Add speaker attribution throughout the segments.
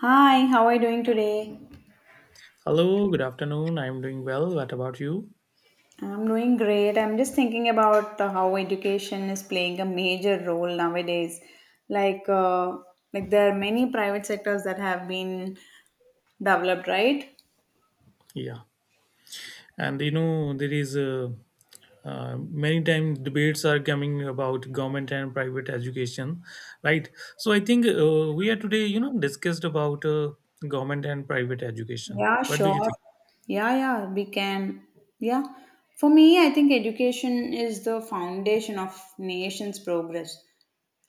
Speaker 1: Hi, how are you doing today?
Speaker 2: Hello, good afternoon. I'm doing well. What about you?
Speaker 1: I'm doing great. I'm just thinking about how education is playing a major role nowadays. Like, uh, like there are many private sectors that have been developed, right?
Speaker 2: Yeah. And you know, there is many times debates are coming about government and private education, right? So I think we are today, discussed about government and private education.
Speaker 1: Yeah,
Speaker 2: What do you
Speaker 1: sure.
Speaker 2: think?
Speaker 1: Yeah, yeah, we can. Yeah. For me, I think education is the foundation of nation's progress,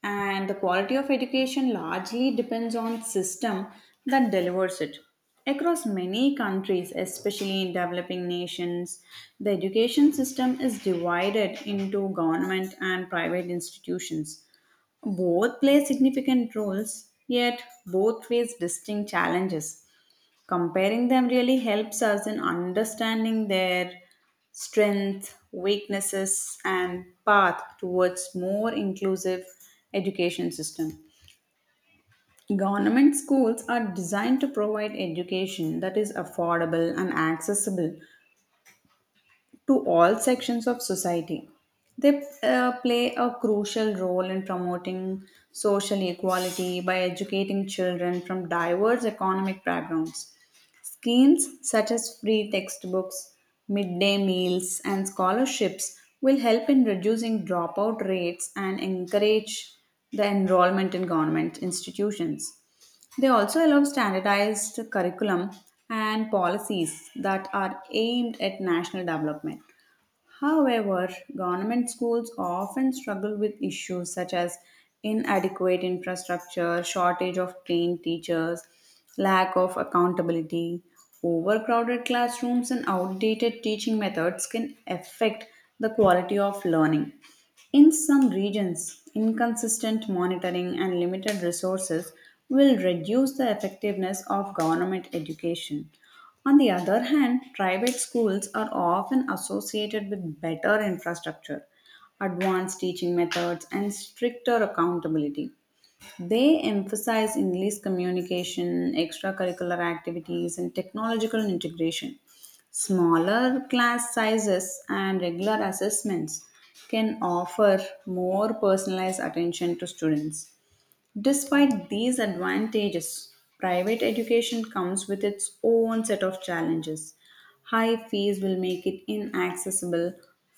Speaker 1: and the quality of education largely depends on system that delivers it. Across many countries, especially in developing nations, the education system is divided into government and private institutions. Both play significant roles, yet both face distinct challenges. Comparing them really helps us in understanding their strengths, weaknesses, and path towards more inclusive education system. Government schools are designed to provide education that is affordable and accessible to all sections of society. They play a crucial role in promoting social equality by educating children from diverse economic backgrounds. Schemes such as free textbooks, midday meals, and scholarships will help in reducing dropout rates and encourage the enrollment in government institutions. They also allow standardized curriculum and policies that are aimed at national development. However, government schools often struggle with issues such as inadequate infrastructure, shortage of trained teachers, lack of accountability, overcrowded classrooms, and outdated teaching methods can affect the quality of learning. In some regions, inconsistent monitoring and limited resources will reduce the effectiveness of government education. On the other hand, private schools are often associated with better infrastructure, advanced teaching methods, and stricter accountability. They emphasize English communication, extracurricular activities, and technological integration. Smaller class sizes and regular assessments can offer more personalized attention to students. Despite these advantages, private education comes with its own set of challenges. High fees will make it inaccessible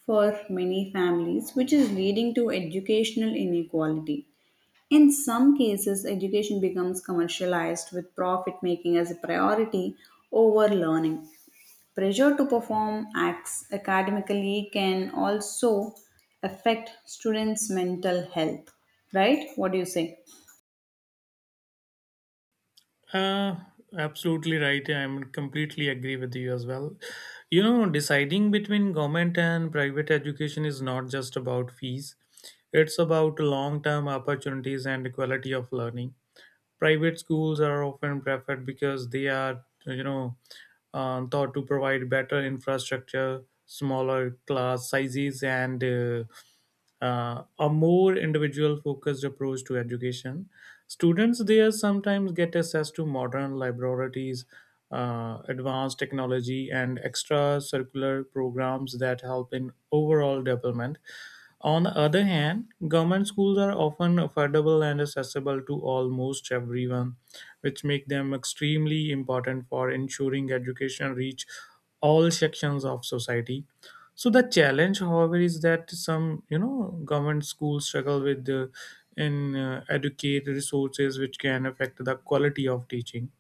Speaker 1: for many families, which is leading to educational inequality. In some cases, education becomes commercialized with profit making as a priority over learning. Pressure to perform acts academically can also affect students' mental health. Right? What do you say?
Speaker 2: Uh, absolutely right. I'm completely agree with you as well. You know, deciding between government and private education is not just about fees. It's about long-term opportunities and quality of learning. Private schools are often preferred because they are, thought to provide better infrastructure, smaller class sizes, and a more individual focused approach to education. Students there sometimes get access to modern laboratories, advanced technology, and extracurricular programs that help in overall development. On the other hand, government schools are often affordable and accessible to almost everyone, which make them extremely important for ensuring education reach all sections of society. So the challenge, however, is that some you know government schools struggle with in educate resources which can affect the quality of teaching.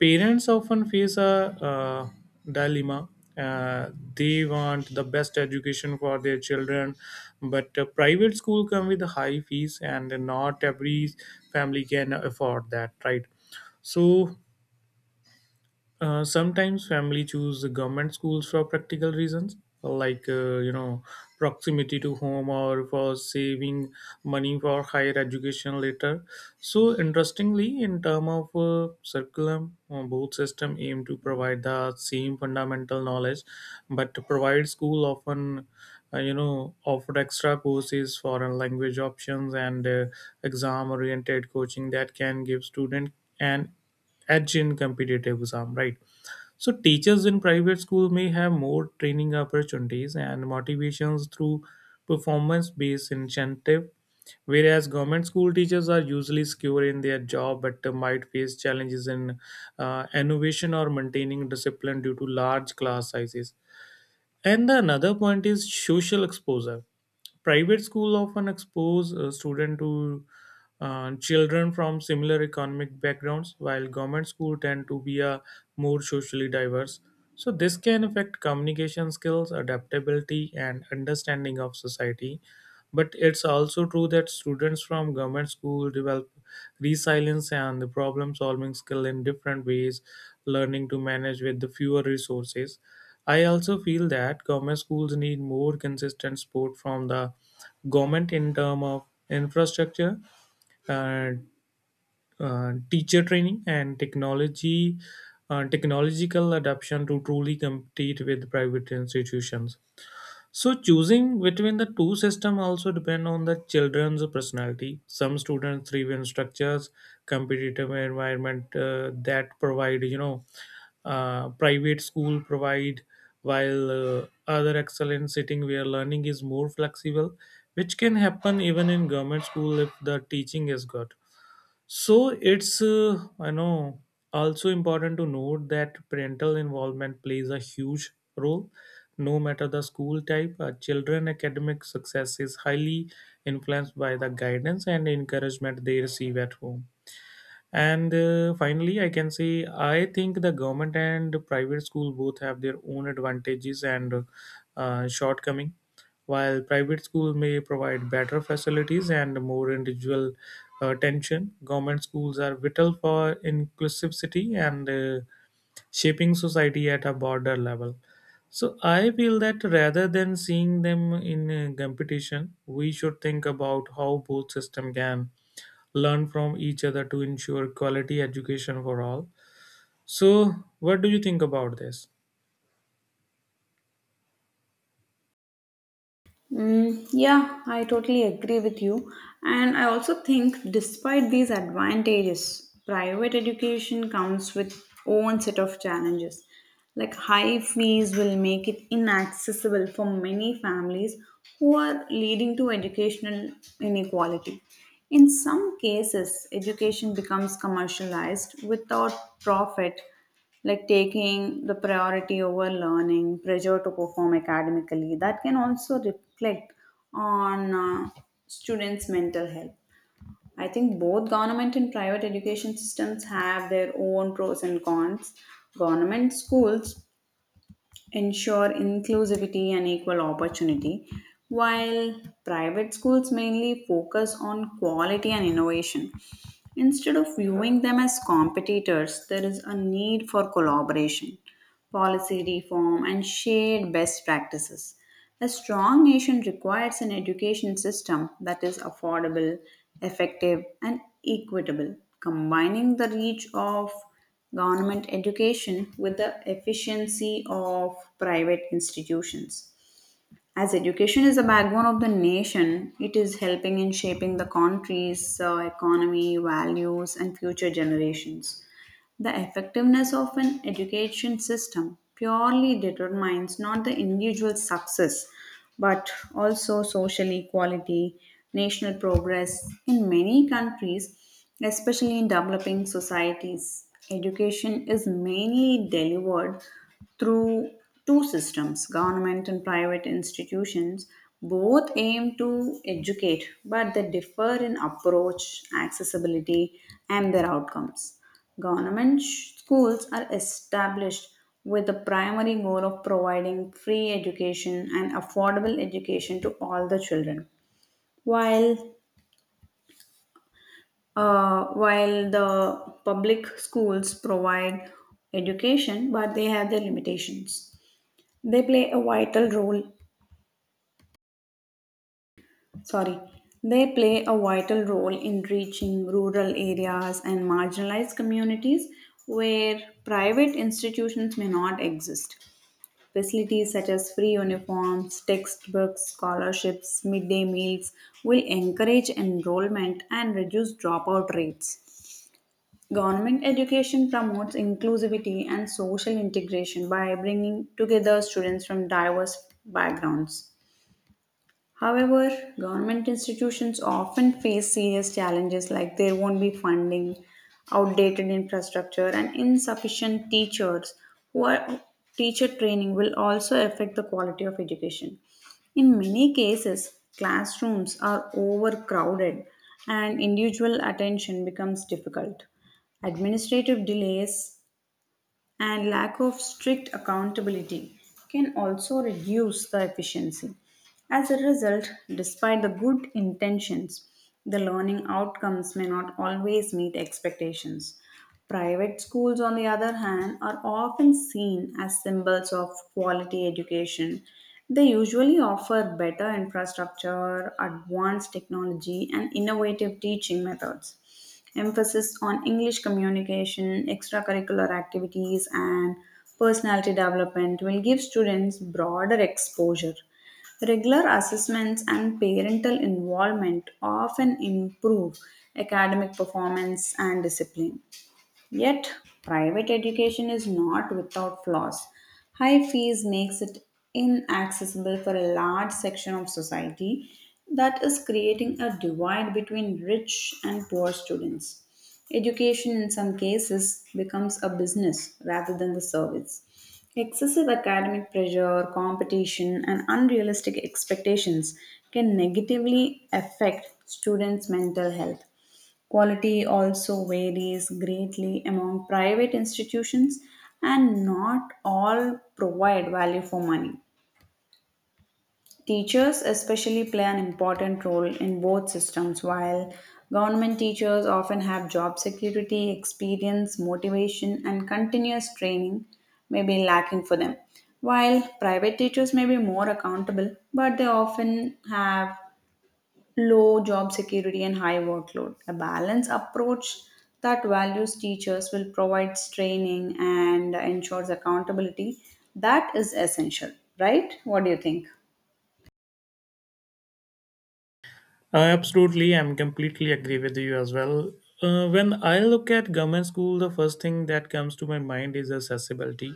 Speaker 2: Parents often face a uh, dilemma. Uh, they want the best education for their children, but private school come with high fees, and not every family can afford that, right? So sometimes family choose the government schools for practical reasons, like proximity to home or for saving money for higher education later. So interestingly, in term of curriculum, both system aim to provide the same fundamental knowledge, but to provide school often offer extra courses, foreign language options, and exam oriented coaching that can give student an edge in competitive exam, right? So teachers in private school may have more training opportunities and motivations through performance-based incentive, whereas government school teachers are usually secure in their job but might face challenges in innovation or maintaining discipline due to large class sizes. And the another point is social exposure. Private school often expose student to children from similar economic backgrounds, while government school tend to be a more socially diverse. So this can affect communication skills, adaptability, and understanding of society. But it's also true that students from government school develop resilience and the problem solving skill in different ways, learning to manage with the fewer resources. I also feel that government schools need more consistent support from the government in terms of infrastructure, uh, teacher training, and technology, technological adoption to truly compete with private institutions. So choosing between the two system also depend on the children's personality. Some students thrive in structures, competitive environment that provide you know private school provide, while other excel in sitting where learning is more flexible, which can happen even in government school if the teaching is good. So it's I know also important to note that parental involvement plays a huge role. No matter the school type, children academic success is highly influenced by the guidance and encouragement they receive at home. And finally, I can say I think the government and private school both have their own advantages and shortcoming. While private schools may provide better facilities and more individual attention, government schools are vital for inclusivity and shaping society at a broader level. So I feel that rather than seeing them in competition, we should think about how both systems can learn from each other to ensure quality education for all. So, what do you think about this?
Speaker 1: Mm, yeah, I totally agree with you. And I also think, despite these advantages, private education comes with own set of challenges. Like high fees will make it inaccessible for many families who are leading to educational inequality. In some cases, education becomes commercialized without profit like taking the priority over learning, pressure to perform academically, that can also reflect on students' mental health. I think both government and private education systems have their own pros and cons. Government schools ensure inclusivity and equal opportunity, while private schools mainly focus on quality and innovation. Instead of viewing them as competitors, there is a need for collaboration, policy reform, and shared best practices. A strong nation requires an education system that is affordable, effective, and equitable, combining the reach of government education with the efficiency of private institutions. As education is the backbone of the nation, it is helping in shaping the country's economy, values, and future generations. The effectiveness of an education system purely determines not the individual success but also social equality, national progress. In many countries, especially in developing societies, education is mainly delivered through two systems: government and private institutions. Both aim to educate, but they differ in approach, accessibility, and their outcomes. Schools are established with the primary goal of providing free education and affordable education to all the children. While while the public schools provide education, but they have their limitations. They play a vital role. Sorry, they play a vital role in reaching rural areas and marginalized communities where private institutions may not exist. Facilities such as free uniforms, textbooks, scholarships, midday meals will encourage enrollment and reduce dropout rates. Government education promotes inclusivity and social integration by bringing together students from diverse backgrounds. However, government institutions often face serious challenges like there won't be funding, outdated infrastructure, and insufficient teachers. Who are, teacher training will also affect the quality of education. In many cases, classrooms are overcrowded and individual attention becomes difficult. Administrative delays and lack of strict accountability can also reduce the efficiency. As a result, despite the good intentions, the learning outcomes may not always meet expectations. Private schools, on the other hand, are often seen as symbols of quality education. They usually offer better infrastructure, advanced technology, and innovative teaching methods emphasis on English communication, extracurricular activities, and personality development will give students broader exposure. Regular assessments and parental involvement often improve academic performance and discipline. Yet, private education is not without flaws. High fees makes it inaccessible for a large section of society that is creating a divide between rich and poor students. Education in some cases becomes a business rather than the service. Excessive academic pressure, competition, and unrealistic expectations can negatively affect students' mental health. Quality also varies greatly among private institutions, and not all provide value for money. Teachers, especially, play an important role in both systems, while government teachers often have job security, experience, motivation, and continuous training may be lacking for them. While private teachers may be more accountable, but they often have low job security and high workload. A balanced approach that values teachers will provide training and ensures accountability. That is essential, right? What do you think?
Speaker 2: Absolutely, I'm completely agree with you as well. When I look at government school, the first thing that comes to my mind is accessibility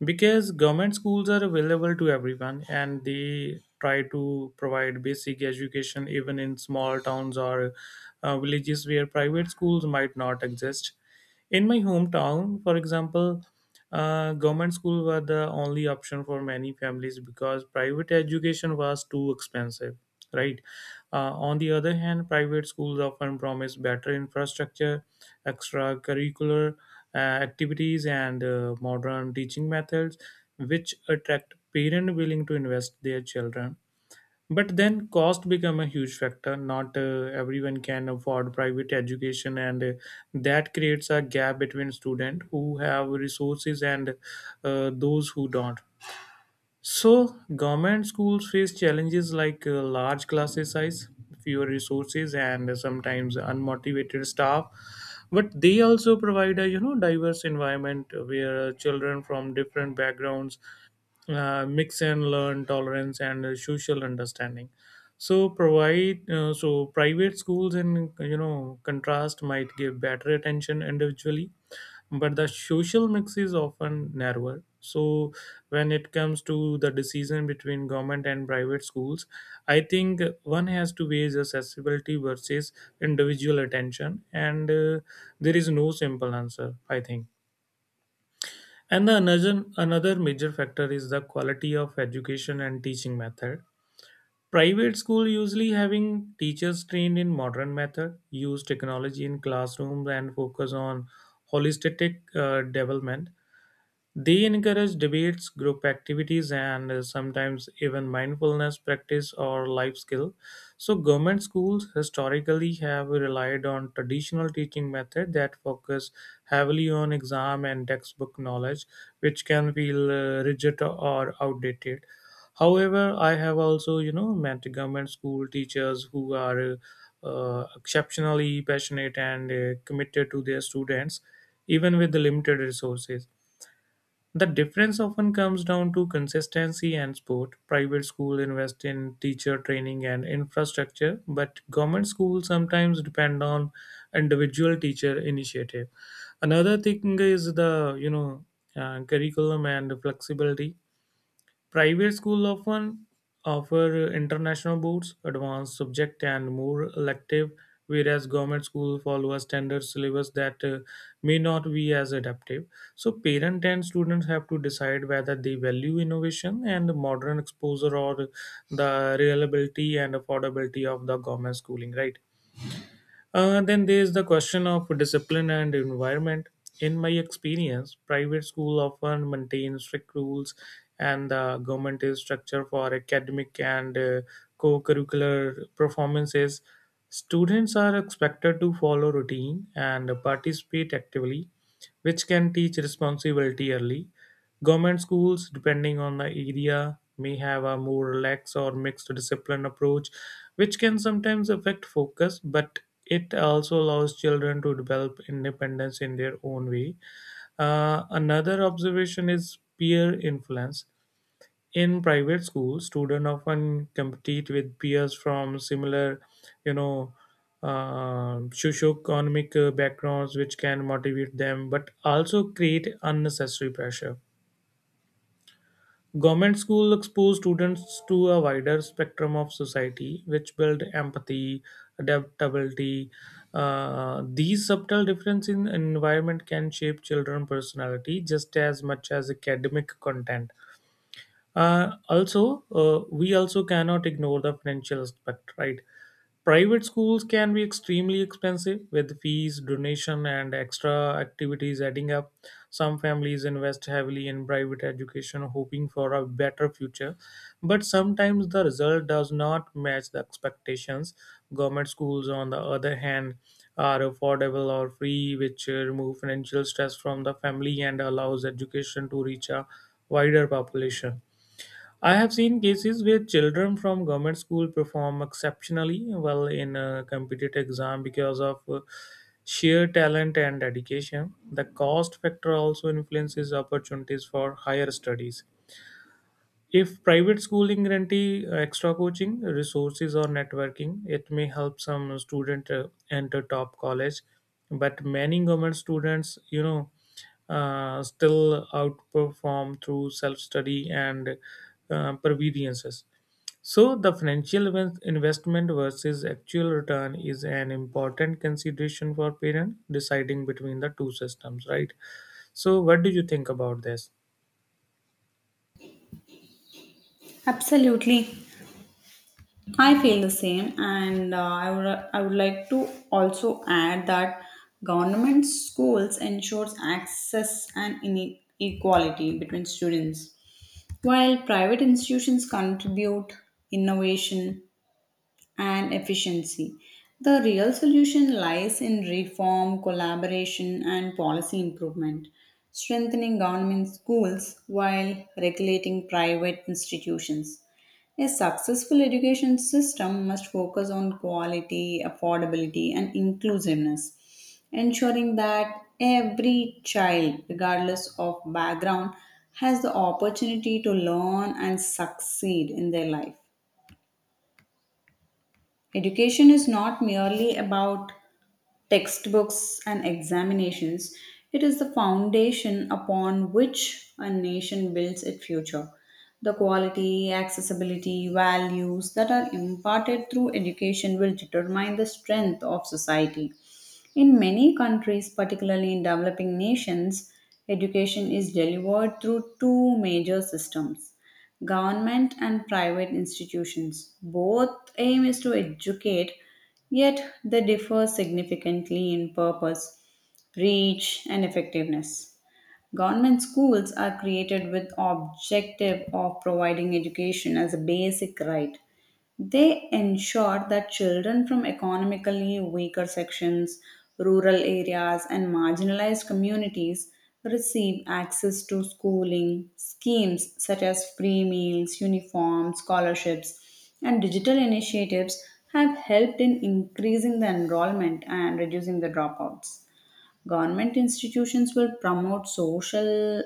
Speaker 2: because government schools are available to everyone and they try to provide basic education even in small towns or villages where private schools might not exist. In my hometown, for example, government schools were the only option for many families because private education was too expensive, right? On the other hand, private schools often promise better infrastructure, extracurricular activities, and modern teaching methods, which attract parents willing to invest their children. But then cost become a huge factor. Not everyone can afford private education, and that creates a gap between students who have resources and those who don't. So, government schools face challenges like large classes size, fewer resources, and sometimes unmotivated staff. But they also provide a you know diverse environment where children from different backgrounds mix and learn tolerance and social understanding. So private schools in you know contrast might give better attention individually but the social mix is often narrower. So when it comes to the decision between government and private schools, I think one has to weigh the accessibility versus individual attention, and there is no simple answer. I think. And the another major factor is the quality of education and teaching method. Private school usually having teachers trained in modern method, use technology in classrooms, and focus on holistic development. They encourage debates, group activities, and sometimes even mindfulness practice or life skill. So, government schools historically have relied on traditional teaching method that focus heavily on exam and textbook knowledge, which can feel rigid or outdated. However, I have also, you know, met government school teachers who are exceptionally passionate and committed to their students, even with the limited resources. The difference often comes down to consistency and support. Private schools invest in teacher training and infrastructure, but government schools sometimes depend on individual teacher initiative. Another thing is the curriculum and flexibility. Private schools often offer international boards, advanced subject, and more elective, whereas government schools follow a standard syllabus that may not be as adaptive. So, parents and students have to decide whether they value innovation and modern exposure or the reliability and affordability of the government schooling, right? Then there is the question of discipline and environment. In my experience, private school often maintain strict rules, and the government is structure for academic and co-curricular performances. Students are expected to follow routine and participate actively, which can teach responsibility early. Government schools, depending on the area, may have a more relaxed or mixed discipline approach, which can sometimes affect focus, but it also allows children to develop independence in their own way. Another observation is peer influence. In private schools, students often compete with peers from similar, you know, socioeconomic backgrounds, which can motivate them but also create unnecessary pressure. Government schools expose students to a wider spectrum of society, which build empathy, adaptability. These subtle differences in environment can shape children's personality just as much as academic content. Also, we also cannot ignore the financial aspect, right? Private schools can be extremely expensive with fees, donation, and extra activities adding up. Some families invest heavily in private education, hoping for a better future, but sometimes the result does not match the expectations. Government schools, on the other hand, are affordable or free, which remove financial stress from the family and allows education to reach a wider population. I have seen cases where children from government school perform exceptionally well in a competitive exam because of sheer talent and dedication. The cost factor also influences opportunities for higher studies. If private schooling guarantee extra coaching, resources or networking, it may help some student enter top college. But many government students, still outperform through self-study and providences. So the investment versus actual return is an important consideration for parent deciding between the two systems, right? So what do you think about this?
Speaker 1: Absolutely. I feel the same, and I would like to also add that government schools ensures access and equality between students, while private institutions contribute innovation and efficiency. The real solution lies in reform, collaboration, and policy improvement, strengthening government schools while regulating private institutions. A successful education system must focus on quality, affordability, and inclusiveness, ensuring that every child, regardless of background, has the opportunity to learn and succeed in their life. Education is not merely about textbooks and examinations, it is the foundation upon which a nation builds its future. The quality, accessibility, values that are imparted through education will determine the strength of society. In many countries, particularly in developing nations, education is delivered through two major systems: government and private institutions. Both aim is to educate, yet they differ significantly in purpose, reach, and effectiveness. Government schools are created with objective of providing education as a basic right. They ensure that children from economically weaker sections, rural areas, and marginalized communities receive access to schooling. Schemes such as free meals, uniforms, scholarships, and digital initiatives have helped in increasing the enrollment and reducing the dropouts. Government institutions will promote social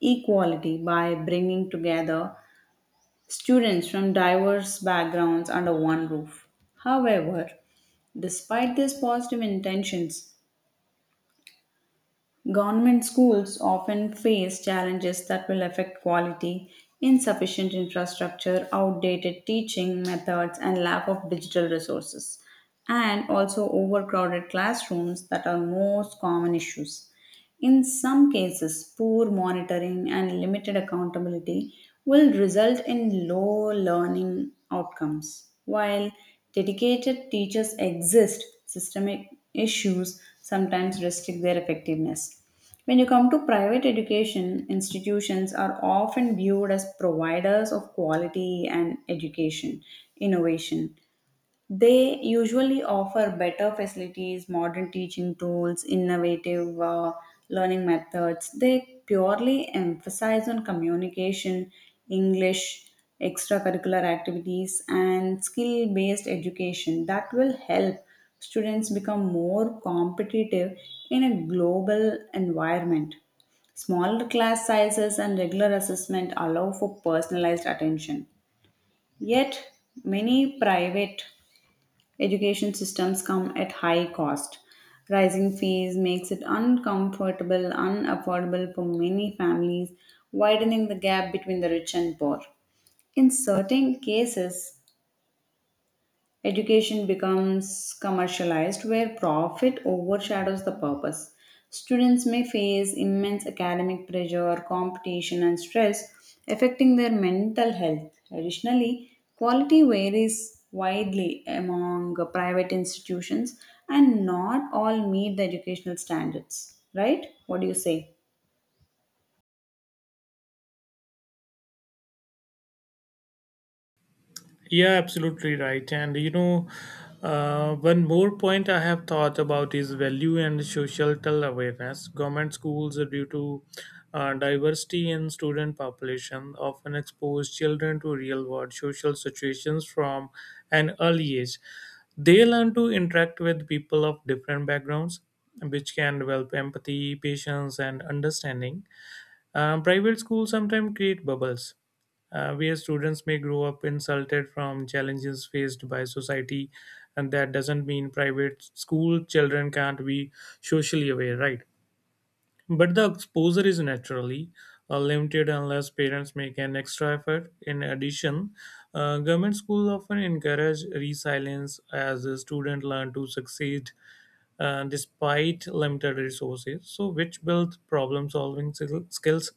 Speaker 1: equality by bringing together students from diverse backgrounds under one roof. However, despite these positive intentions, government schools often face challenges that will affect quality, insufficient infrastructure, outdated teaching methods, and lack of digital resources, and also overcrowded classrooms that are most common issues. In some cases, poor monitoring and limited accountability will result in low learning outcomes. While dedicated teachers exist, systemic issues sometimes restrict their effectiveness. When you come to private education, institutions are often viewed as providers of quality and education, innovation. They usually offer better facilities, modern teaching tools, innovative learning methods. They purely emphasize on communication, English, extracurricular activities, and skill based education that will help students become more competitive in a global environment. Smaller class sizes and regular assessment allow for personalized attention. Yet, many private education systems come at high cost. Rising fees makes it uncomfortable, unaffordable for many families, widening the gap between the rich and poor. In certain cases, education becomes commercialized where profit overshadows the purpose. Students may face immense academic pressure, competition, and stress, affecting their mental health. Additionally, quality varies widely among private institutions, and not all meet the educational standards. Right? What do you say?
Speaker 2: Yeah, absolutely right. One more point I have thought about is value and social awareness. Government schools, due to diversity in student population, often expose children to real world social situations from an early age. They learn to interact with people of different backgrounds, which can develop empathy, patience, and understanding. Private schools sometimes create bubbles where students may grow up insulted from challenges faced by society, and that doesn't mean private school children can't be socially aware, right? But the exposure is naturally limited unless parents make an extra effort. In addition, government schools often encourage resilience as the student learn to succeed despite limited resources, so which builds problem-solving skills.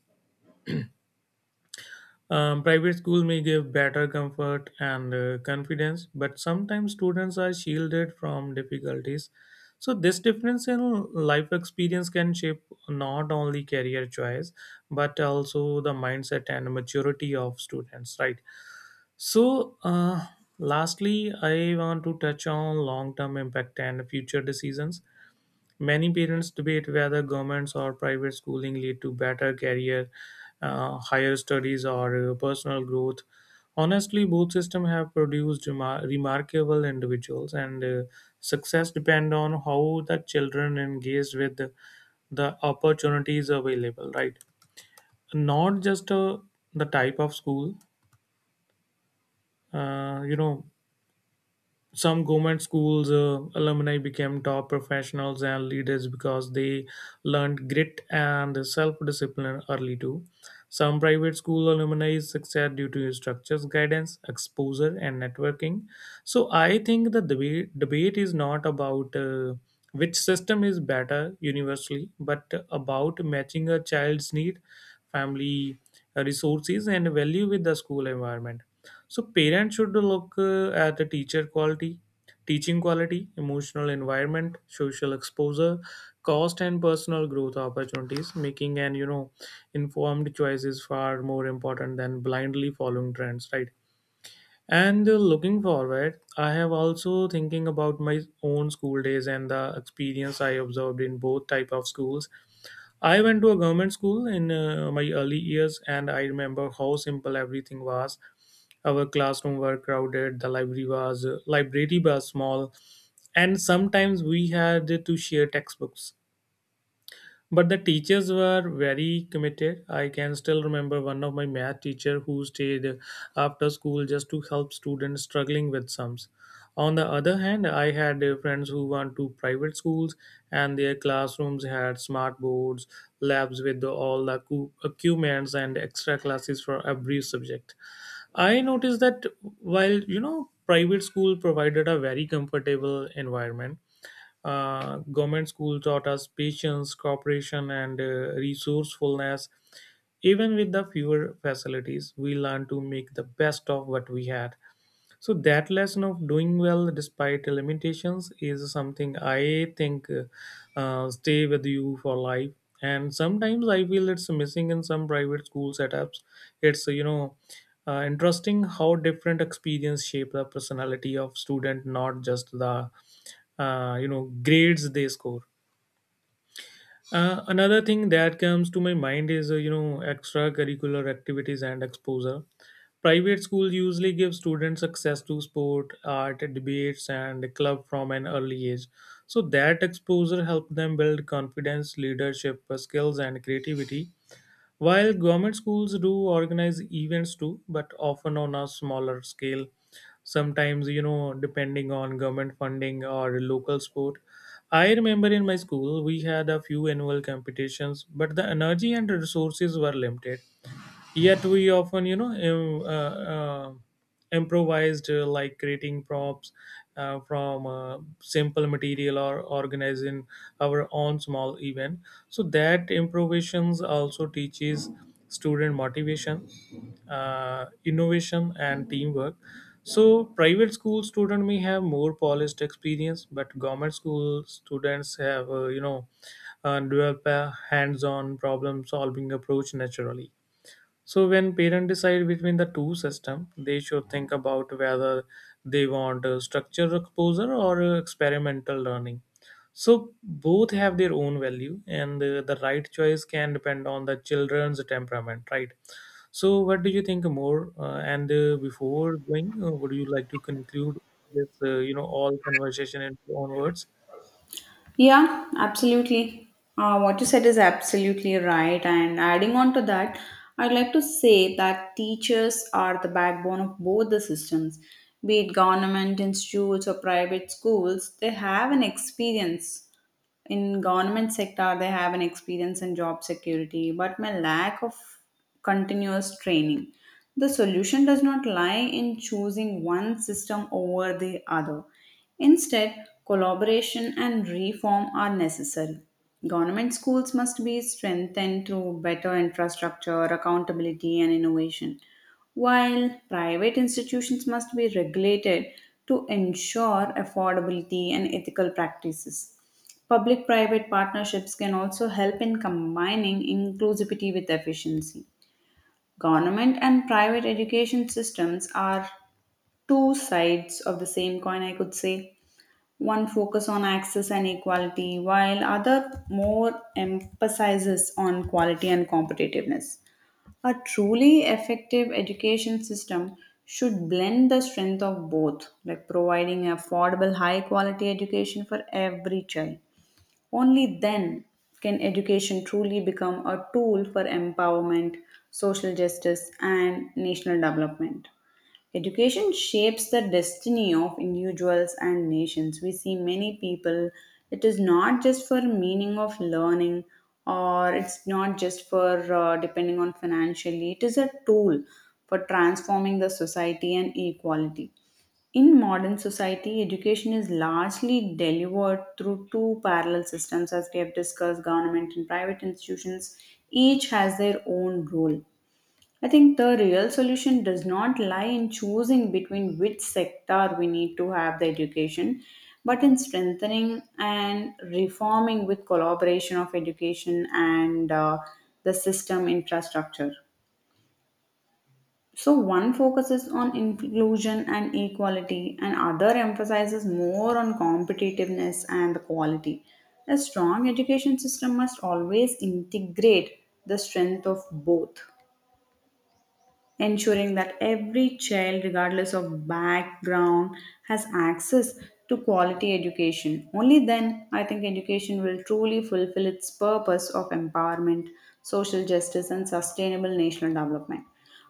Speaker 2: Private school may give better comfort and confidence, but sometimes students are shielded from difficulties. So, this difference in life experience can shape not only career choice but also the mindset and maturity of students, right? So, lastly, I want to touch on long term impact and future decisions. Many parents debate whether governments or private schooling lead to better career, higher studies, or personal growth. Honestly, both systems have produced remarkable individuals, and success depend on how the children engage with the opportunities available. Right, not just the type of school. Uh, you know, some government schools alumni became top professionals and leaders because they learned grit and self-discipline early too. Some private school alumni succeed due to structures, guidance, exposure and networking. So I think the debate is not about which system is better universally, but about matching a child's need, family, resources and value with the school environment. So parents should look at the teacher quality, teaching quality, emotional environment, social exposure, cost and personal growth opportunities. Making an informed choice is far more important than blindly following trends, right? And looking forward, I have also thinking about my own school days and the experience I observed in both type of schools. I went to a government school in my early years, and I remember how simple everything was. Our classroom were crowded, the library was small, and sometimes we had to share textbooks. But the teachers were very committed. I can still remember one of my math teacher who stayed after school just to help students struggling with sums. On the other hand, I had friends who went to private schools, and their classrooms had smart boards, labs with all the equipments, and extra classes for every subject. I noticed that while, you know, private school provided a very comfortable environment, government school taught us patience, cooperation, and resourcefulness. Even with the fewer facilities, we learned to make the best of what we had. So that lesson of doing well despite the limitations is something I think stay with you for life. And sometimes I feel it's missing in some private school setups. It's interesting how different experience shape the personality of student, not just the grades they score. Another thing that comes to my mind is extracurricular activities and exposure. Private schools usually give students access to sport, art, debates and club from an early age, so that exposure helps them build confidence, leadership skills and creativity, while government schools do organize events too, but often on a smaller scale. Sometimes, you know, depending on government funding or local sport. I remember in my school we had a few annual competitions, but the energy and resources were limited. Yet we often, you know, improvised, like creating props from simple material or organizing our own small event. So that improvisations also teaches student motivation, innovation and teamwork. So private school student may have more polished experience, but government school students have, develop a hands-on problem solving approach naturally. So when parents decide between the two system, they should think about whether they want structured exposure or experimental learning. So both have their own value, and the right choice can depend on the children's temperament, right? So what do you think more? And Before going, would you like to conclude this, all conversation in your own words?
Speaker 1: Yeah, absolutely. What you said is absolutely right. And adding on to that, I'd like to say that teachers are the backbone of both the systems, be it government institutes or private schools, they have an experience in government sector, they have an experience in job security but my lack of continuous training. The solution does not lie in choosing one system over the other, instead collaboration and reform are necessary. Government schools must be strengthened through better infrastructure, accountability, and innovation, while private institutions must be regulated to ensure affordability and ethical practices. Public private partnerships can also help in combining inclusivity with efficiency. Government and private education systems are two sides of the same coin, I could say. One focus on access and equality, while other more emphasizes on quality and competitiveness. A truly effective education system should blend the strength of both, like providing affordable, high quality education for every child. Only then can education truly become a tool for empowerment, social justice, and national development. Education shapes the destiny of individuals and nations. We see many people, it is not just for meaning of learning, or it's not just for depending on financially, it is a tool for transforming the society and equality. In modern society, education is largely delivered through two parallel systems, as we have discussed: government and private institutions. Each has their own role. I think the real solution does not lie in choosing between which sector we need to have the education, but in strengthening and reforming with collaboration of education and the system infrastructure. So one focuses on inclusion and equality, and other emphasizes more on competitiveness and the quality. A strong education system must always integrate the strength of both, ensuring that every child, regardless of background, has access to quality education. Only then, I think education will truly fulfill its purpose of empowerment, social justice, and sustainable national development.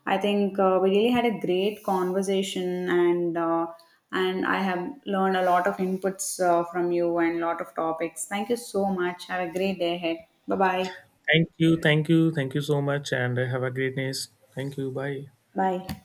Speaker 1: I think we really had a great conversation, and and I have learned a lot of inputs from you and a lot of topics. Thank you so much. Have a great day ahead. Bye bye.
Speaker 2: Thank you, thank you, thank you so much, and have a great day. Thank you, bye.
Speaker 1: Bye.